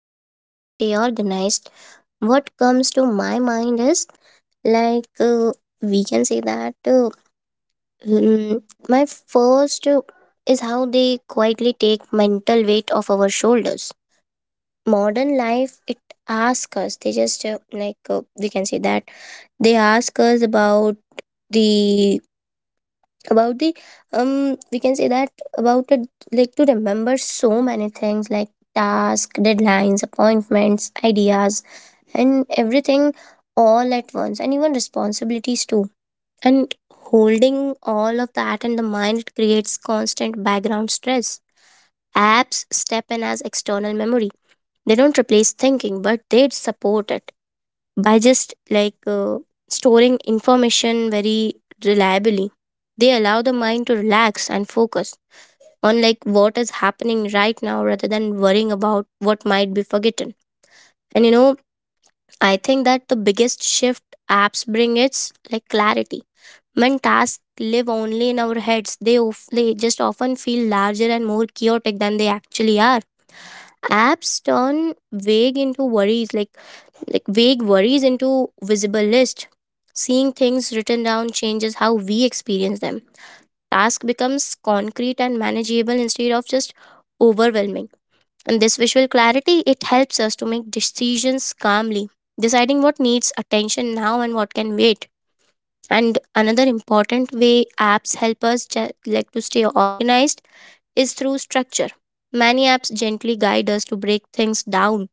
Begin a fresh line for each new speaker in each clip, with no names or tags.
help us to stay organized, what comes to my mind is like uh, we can say that mm, my first is how they quietly take mental weight off our shoulders. Modern life, it asks us. They just we can say that they ask us about the about the um we can say that about it, like to remember so many things like task deadlines, appointments, ideas and everything all at once, and even responsibilities too. And holding all of that in the mind, it creates constant background stress. Apps step in as external memory. They don't replace thinking, but they support it by just storing information very reliably. They allow the mind to relax and focus on like what is happening right now rather than worrying about what might be forgotten. And you know, I think that the biggest shift apps bring is like clarity. When tasks live only in our heads, they just often feel larger and more chaotic than they actually are. Apps turn vague into worries like vague worries into visible list. Seeing things written down changes how we experience them. Task becomes concrete and manageable instead of just overwhelming. And this visual clarity, it helps us to make decisions calmly, deciding what needs attention now and what can wait. And another important way apps help us to stay organized is through structure. Many apps gently guide us to break things down.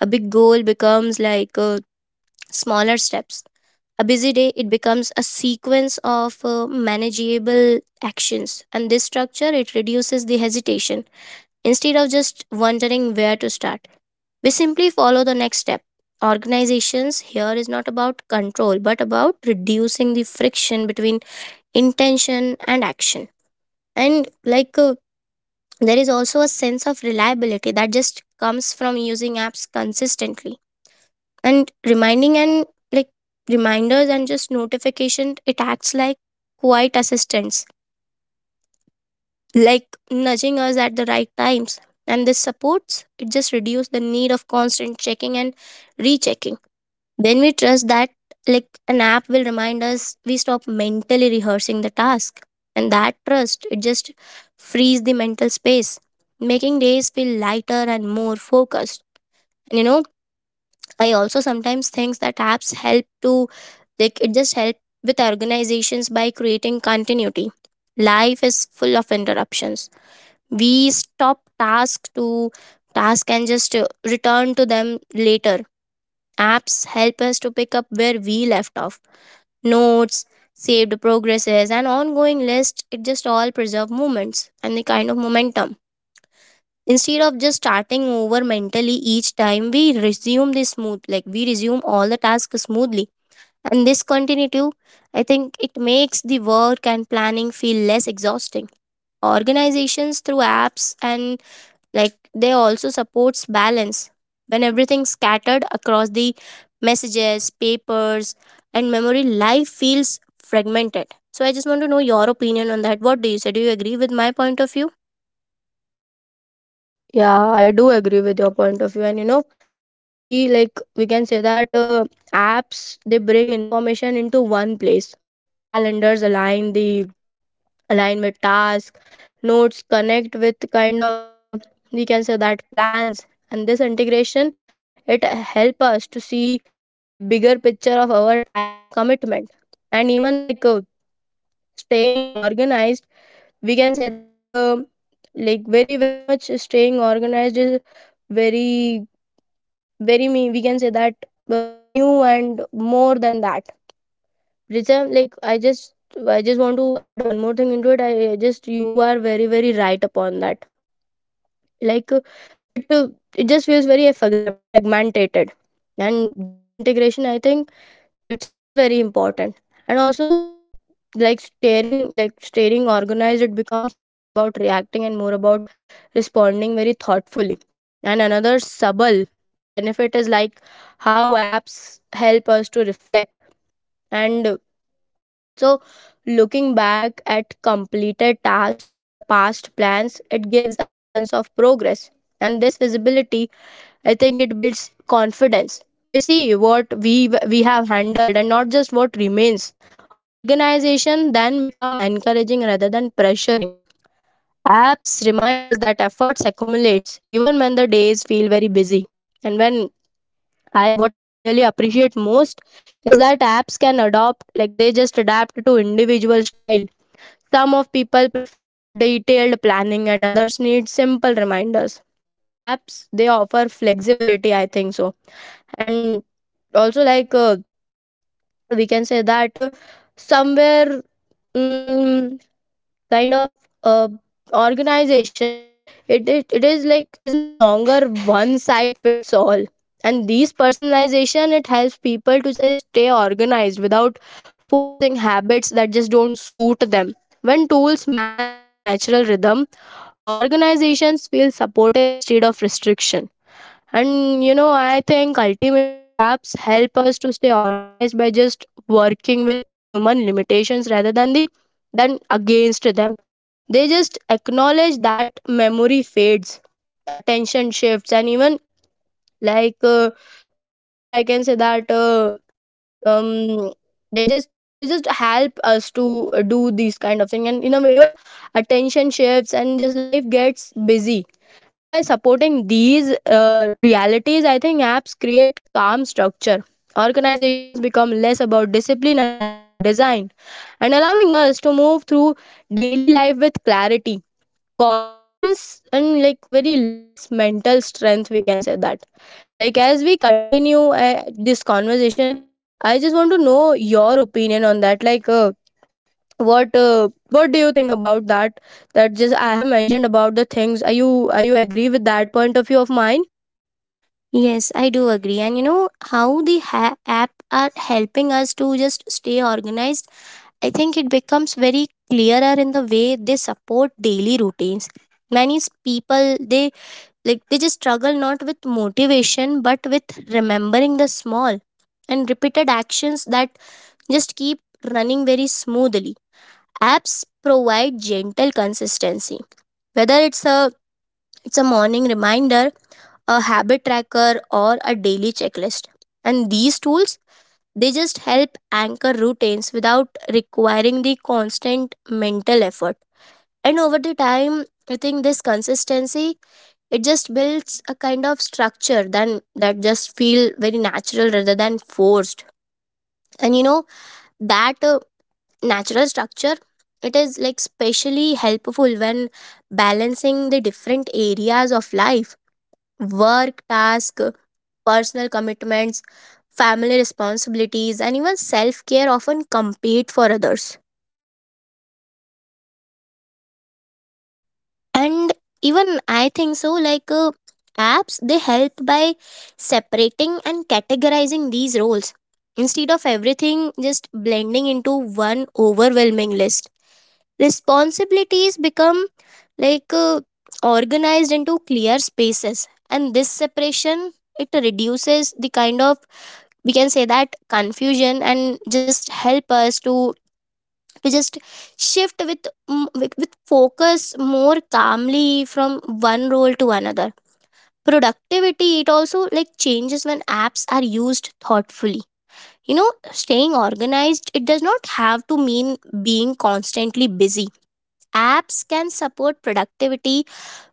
A big goal becomes smaller steps. A busy day, it becomes a sequence of manageable actions, and this structure, it reduces the hesitation. Instead of just wondering where to start, we simply follow the next step. Organizations here is not about control, but about reducing the friction between intention and action. And there is also a sense of reliability that just comes from using apps consistently, and reminding and like reminders and just notification, it acts like quiet assistance, like nudging us at the right times. And this supports, it just reduces the need of constant checking and rechecking. When we trust that like an app will remind us, we stop mentally rehearsing the task, and that trust, it just frees the mental space, making days feel lighter and more focused. And you know, I also sometimes think that apps help to like it just help with organizations by creating continuity. Life is full of interruptions. We stop task to task and just return to them later. Apps help us to pick up where we left off. Notes, saved progresses and ongoing list, it just all preserve moments and the kind of momentum. Instead of just starting over mentally each time we resume, the smooth like we resume all the tasks smoothly. And this continuity, I think it makes the work and planning feel less exhausting. Organizations through apps, and like they also supports balance. When everything's scattered across the messages, papers and memory, life feels fragmented. So I just want to know your opinion on that. What do you say? Do you agree with my point of view?
Yeah, I do agree with your point of view. And you know, we can say that apps they bring information into one place. Calendars align the align with tasks, notes connect with kind of we can say that plans. And this integration it help us to see the bigger picture of our time and commitment. And even staying organized, we can say that like very much staying organized is very very me we can say that new and more than that Richa. Like i just I just want to add one more thing into it. I just you are very very right upon that. like uh, it uh, it just feels very fragmented, and this integration I think it's really very important. And also staring organized, it becomes less about reacting and more about responding very thoughtfully. And another subtle benefit is like how apps help us to reflect, and also looking back at completed tasks or past plans, it gives a sense of progress. And this visibility, I think it builds confidence. We see what we have handled and not just what remains. Organization then become encouraging rather than pressuring. Apps remind us that efforts accumulates even when the days feel very busy. And when I what I really appreciate most is that apps can adopt like they just adapt to individual style. Some of people prefer detailed planning and others need simple reminders. Apps, they offer flexibility, I think so. And also we can say that somewhere, mm, kind of uh, organization, it is like is no longer one size fits all. And these personalization, it helps people to say stay organized without forcing habits that just don't suit them. When tools match our natural rhythm, organizations feel supportive instead of restriction. And you know, I think ultimately apps help us to stay organized by just working with human limitations rather than the than against them. They just acknowledge that memory fades, attention shifts, and even like uh, somewhere I can say that. Um they just help us to do these kind of thing. And you know, even attention shifts and just life gets busy, and by supporting these realities, I think apps create calm structure. Organizations become less about discipline and more about design, and allowing us to move through daily life with clarity, confidence, and like very less mental strength, we can say that. Like, as we continue this conversation, I just want to know your opinion on that. Like, what do you think about that? That just I have mentioned about the things. Are you agree with that point of view of mine?
Yes, I do agree. And you know how the app are helping us to just stay organized? I think it becomes very clearer in the way they support daily routines. Many people, they just struggle not with motivation but with remembering the small and repeated actions that just keep running very smoothly. Apps provide gentle consistency. Whether it's a morning reminder, a habit tracker or a daily checklist, and these tools, they just help anchor routines without requiring the constant mental effort. And over the time, I think this consistency, it just builds a kind of structure then that just feel very natural rather than forced. And you know, that natural structure, it is like specially helpful when balancing the different areas of life: work task, personal commitments, family responsibilities, and even self care often compete for others. And even I think so, apps, they help by separating and categorizing these roles instead of everything just blending into one overwhelming list. Responsibilities become like uh, organized into clear spaces, and this separation, it reduces the kind of we can say that confusion and just help us to just shift with with focus more calmly from one role to another. Productivity, it also like changes when apps are used thoughtfully. You know, staying organized, it does not have to mean being constantly busy. Apps can support productivity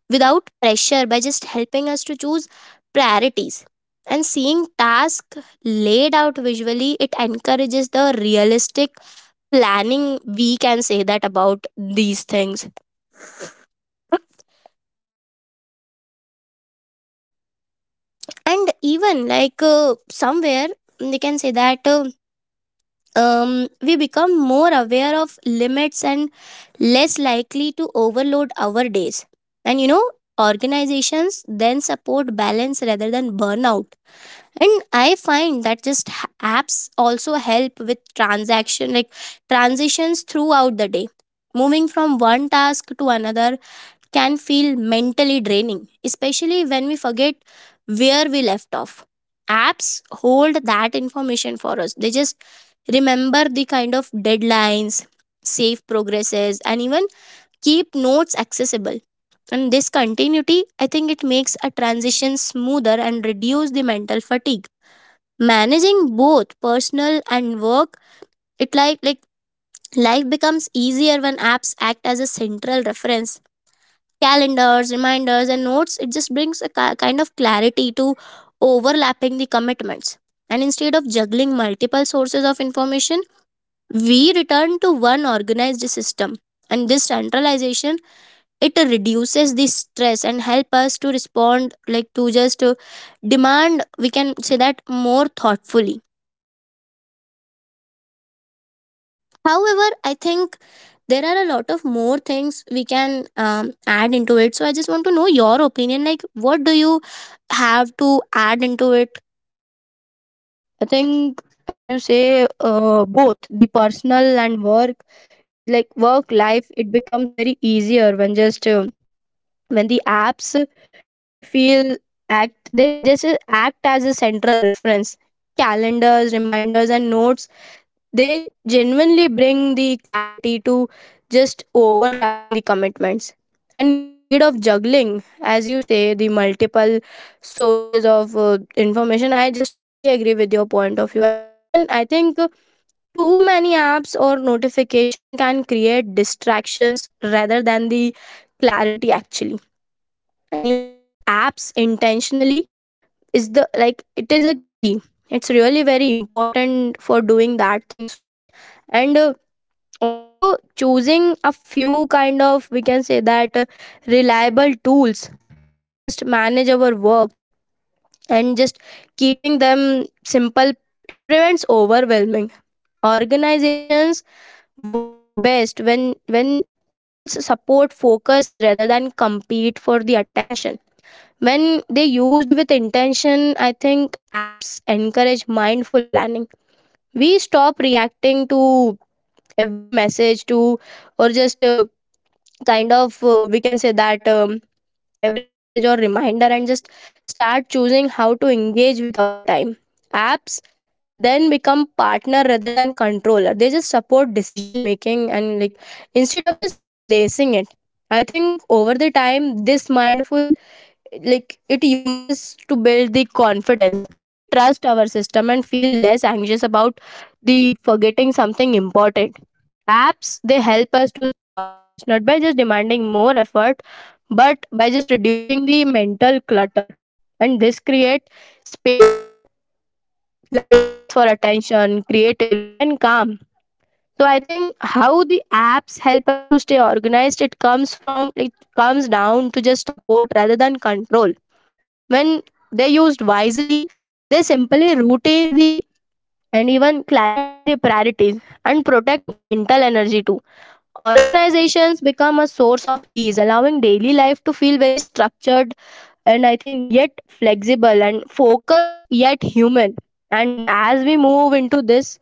without pressure by just helping us to choose priorities. And seeing tasks laid out visually, it encourages the realistic planning, we can say that about these things. And even somewhere, they can say that we become more aware of limits and less likely to overload our days. And you know, organizations then support balance rather than burnout. And I find that apps also help with transaction like transitions throughout the day. Moving from one task to another can feel mentally draining, especially when we forget where we left off. Apps hold that information for us. They just remember the kind of deadlines, save progresses and even keep notes accessible. And this continuity, I think it makes a transition smoother and reduce the mental fatigue. Managing both personal and work, it life becomes easier when apps act as a central reference. Calendars, reminders and notes, it just brings a kind of clarity to overlapping the commitments. And instead of juggling multiple sources of information, we return to one organized system. And this centralization, it reduces the stress and help us to respond, like to just demand we can say that more thoughtfully. However, I think there are a lot of more things we can add into it. So I just want to know your opinion. Like, what do you have to add into it?
I think, as you say, both the personal and work, it like work life, it becomes very easier when just when the apps they feel act they just act as a central reference. Calendars, reminders, and notes, they genuinely bring the clarity to just overlapping the commitments. And instead of juggling, as you say, the multiple sources of information, I just totally agree with your point of view. And you, even I think too many apps or notification can create distractions rather than the clarity, actually. And using apps intentionally is the like it is a key. It's really very important for doing that thing. So, and also choosing a few kind of we can say that reliable tools to just manage our works, and just keeping them simple, it prevents overwhelming. Organizations work best when tools support focus rather than compete for the attention. When they used with intention, I think apps encourage mindful planning. We stop reacting to every message to or just kind of we can say that every message or reminder, and just start choosing how to engage with our time. Apps then become partner rather than controller. They just support decision making, and like instead of just replacing it, I think over the time this mindful like it uses to build the confidence. We trust our system and feel less anxious about the forgetting something important. Apps, they help us to stay organized not by just demanding more effort, but by just reducing the mental clutter. And this create space, like space for attention, creativity, and calm. So I think how the apps help us to stay organized, it comes down to just support rather than control. When they used wisely, they simply routines the and even clarify the priorities and protect mental energy too. Organizations become a source of ease, allowing daily life to feel very structured, and I think yet flexible and focused yet human. And as we move into this,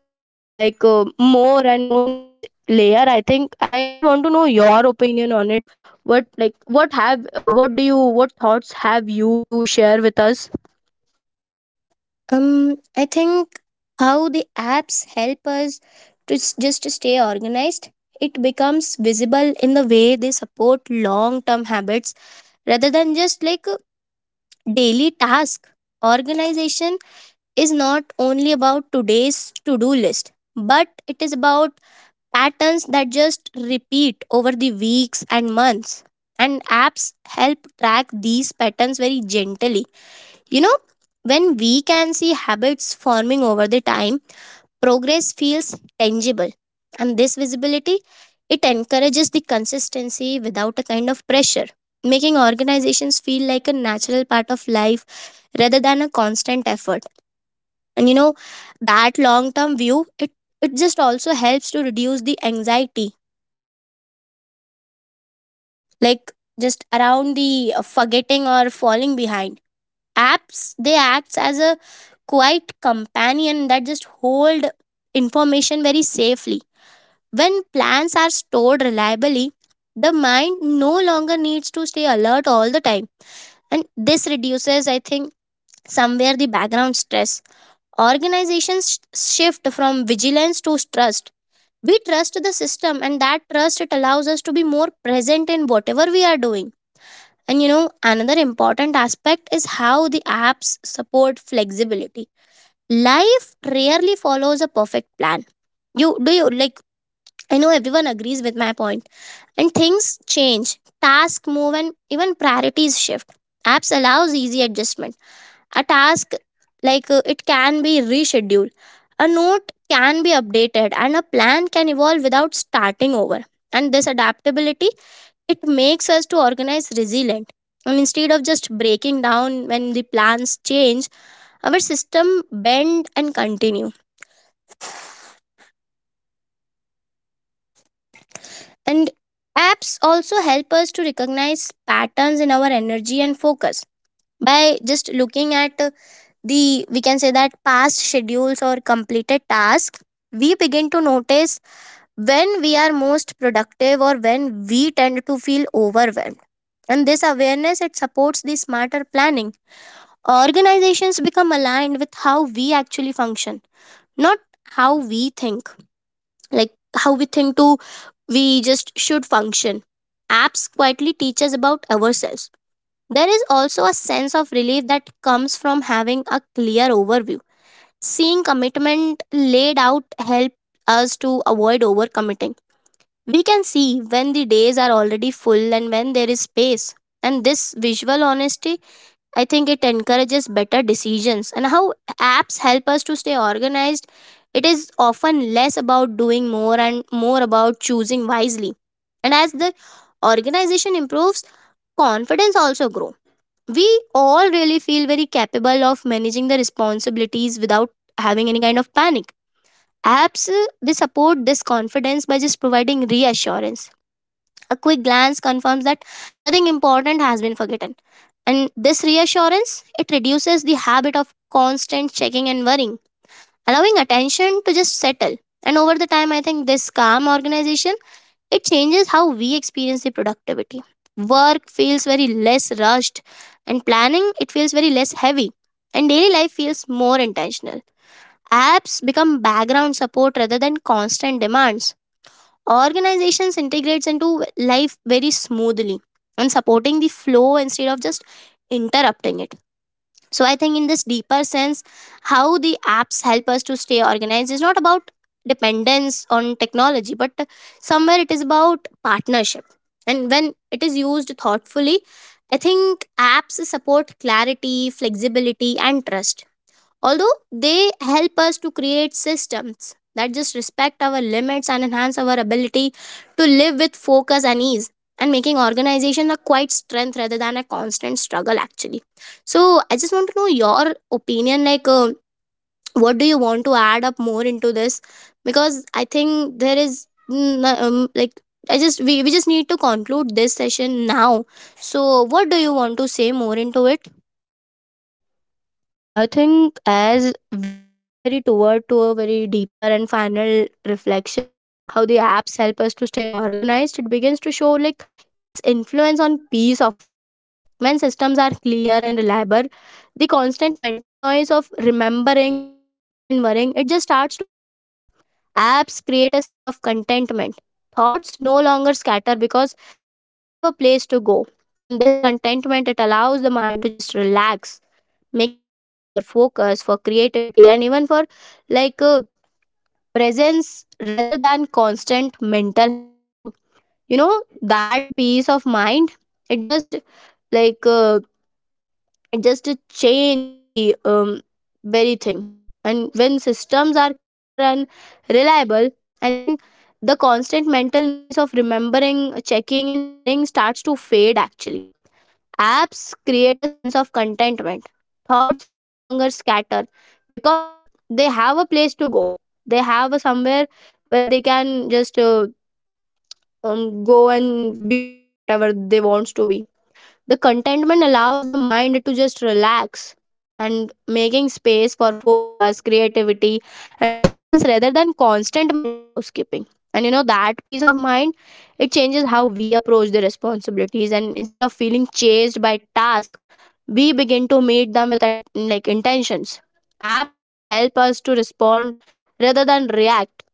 more and more next layer, I think I just want to know your opinion on it. What have what do you what thoughts have you to share with us?
I think how the apps help us to just to stay organized, it becomes visible in the way they support long-term habits rather than just like a daily task. Organization is not only about today's to-do list, but it is about patterns that just repeat over the weeks and months. And apps help track these patterns very gently. You know, when we can see habits forming over the time, progress feels tangible. And this visibility, it encourages the consistency without a kind of pressure, making organizations feel like a natural part of life rather than a constant effort. And you know, that long term view, it just also helps to reduce the anxiety, like just around the forgetting or falling behind. Apps, they acts as a quiet companion that just hold information very safely. When plans are stored reliably, the mind no longer needs to stay alert all the time. And this reduces, I think somewhere, the background stress. Organizations shift from vigilance to trust. We trust the system, and that trust, it allows us to be more present in whatever we are doing. And you know, another important aspect is how the apps support flexibility. Life rarely follows a perfect plan. You do you like I know everyone agrees with my point. And things change, tasks move and even priorities shift. Apps allows easy adjustment. A task, it can be rescheduled, a note can be updated, and a plan can evolve without starting over. And this adaptability, it makes us to organize resilient. And instead of just breaking down when the plans change, our system bend and continue. And apps also help us to recognize patterns in our energy and focus by just looking at the we can say that past schedules or completed tasks. We begin to notice when we are most productive or when we tend to feel overwhelmed. And this awareness, it supports the smarter planning. Organizations become aligned with how we actually function, not how we think, like how we think to we just should function. Apps quietly teach us about ourselves. There is also a sense of relief that comes from having a clear overview. Seeing commitment laid out help us to avoid overcommitting. We can see when the days are already full and when there is space. And this visual honesty, I think it encourages better decisions. And how apps help us to stay organized, it is often less about doing more and more about choosing wisely. And as the organization improves, confidence also grows. We all really feel very capable of managing the responsibilities without having any kind of panic. Apps they support this confidence by just providing reassurance. A quick glance confirms that nothing important has been forgotten. And this reassurance, it reduces the habit of constant checking and worrying, allowing attention to just settle. And over the time, I think this calm organization, it changes how we experience the productivity. Work feels very less rushed, and planning, it feels very less heavy, and daily life feels more intentional. Apps become background support rather than constant demands. Organizations integrates into life very smoothly, and supporting the flow instead of just interrupting it. So I think in this deeper sense, how the apps help us to stay organized is not about dependence on technology, but somewhere it is about partnership. And when it is used thoughtfully, I think apps support clarity, flexibility, and trust, although they help us to create systems that just respect our limits and enhance our ability to live with focus and ease, and making organization a quiet strength rather than a constant struggle actually. So I just want to know your opinion, what do you want to add up more into this? Because I think there is we just need to conclude this session now. So what do you want to say more into it?
I think as we move very toward to a very deeper and final reflection, how the apps help us to stay organized, it begins to show like its influence on peace of mind. When systems are clear and reliable, the constant mental noise of remembering, checking, and worrying, it just starts to fade. Apps create a sense of contentment. Thoughts no longer scatter because they have a place to go. And this contentment, it allows the mind to just relax, making space for focus, for creativity, and even for like uh, presence rather than constant mental housekeeping. You know, that peace of mind, it just like uh, it just change the very thing. And when systems are clear and reliable, I think the constant mental noise of remembering, checking, and worrying starts to fade, actually. Apps create a sense of contentment. Thoughts no longer scatter because they have a place to go. They have a somewhere where they can just go and be whatever they wants to be. The contentment allows the mind to just relax, and making space for focus, creativity, and presence rather than constant mental housekeeping. And you know, that peace of mind, it changes how we approach the responsibilities. And instead of feeling chased by tasks, we begin to meet them with like intentions. Apps help us to respond rather than react.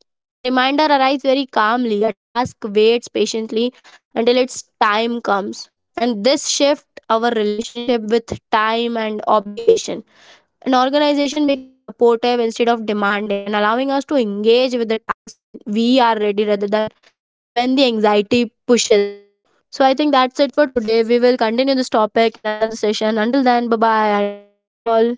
A reminder arrives very calmly. A task waits patiently until its time comes, and this shift our relationship with time and obligation. An organization becomes supportive instead of demanding, and allowing us to engage with the task when we are ready rather than when the anxiety pushes us. So I think that's it for today. We will continue this topic in another session. Until then, bye bye and take care all.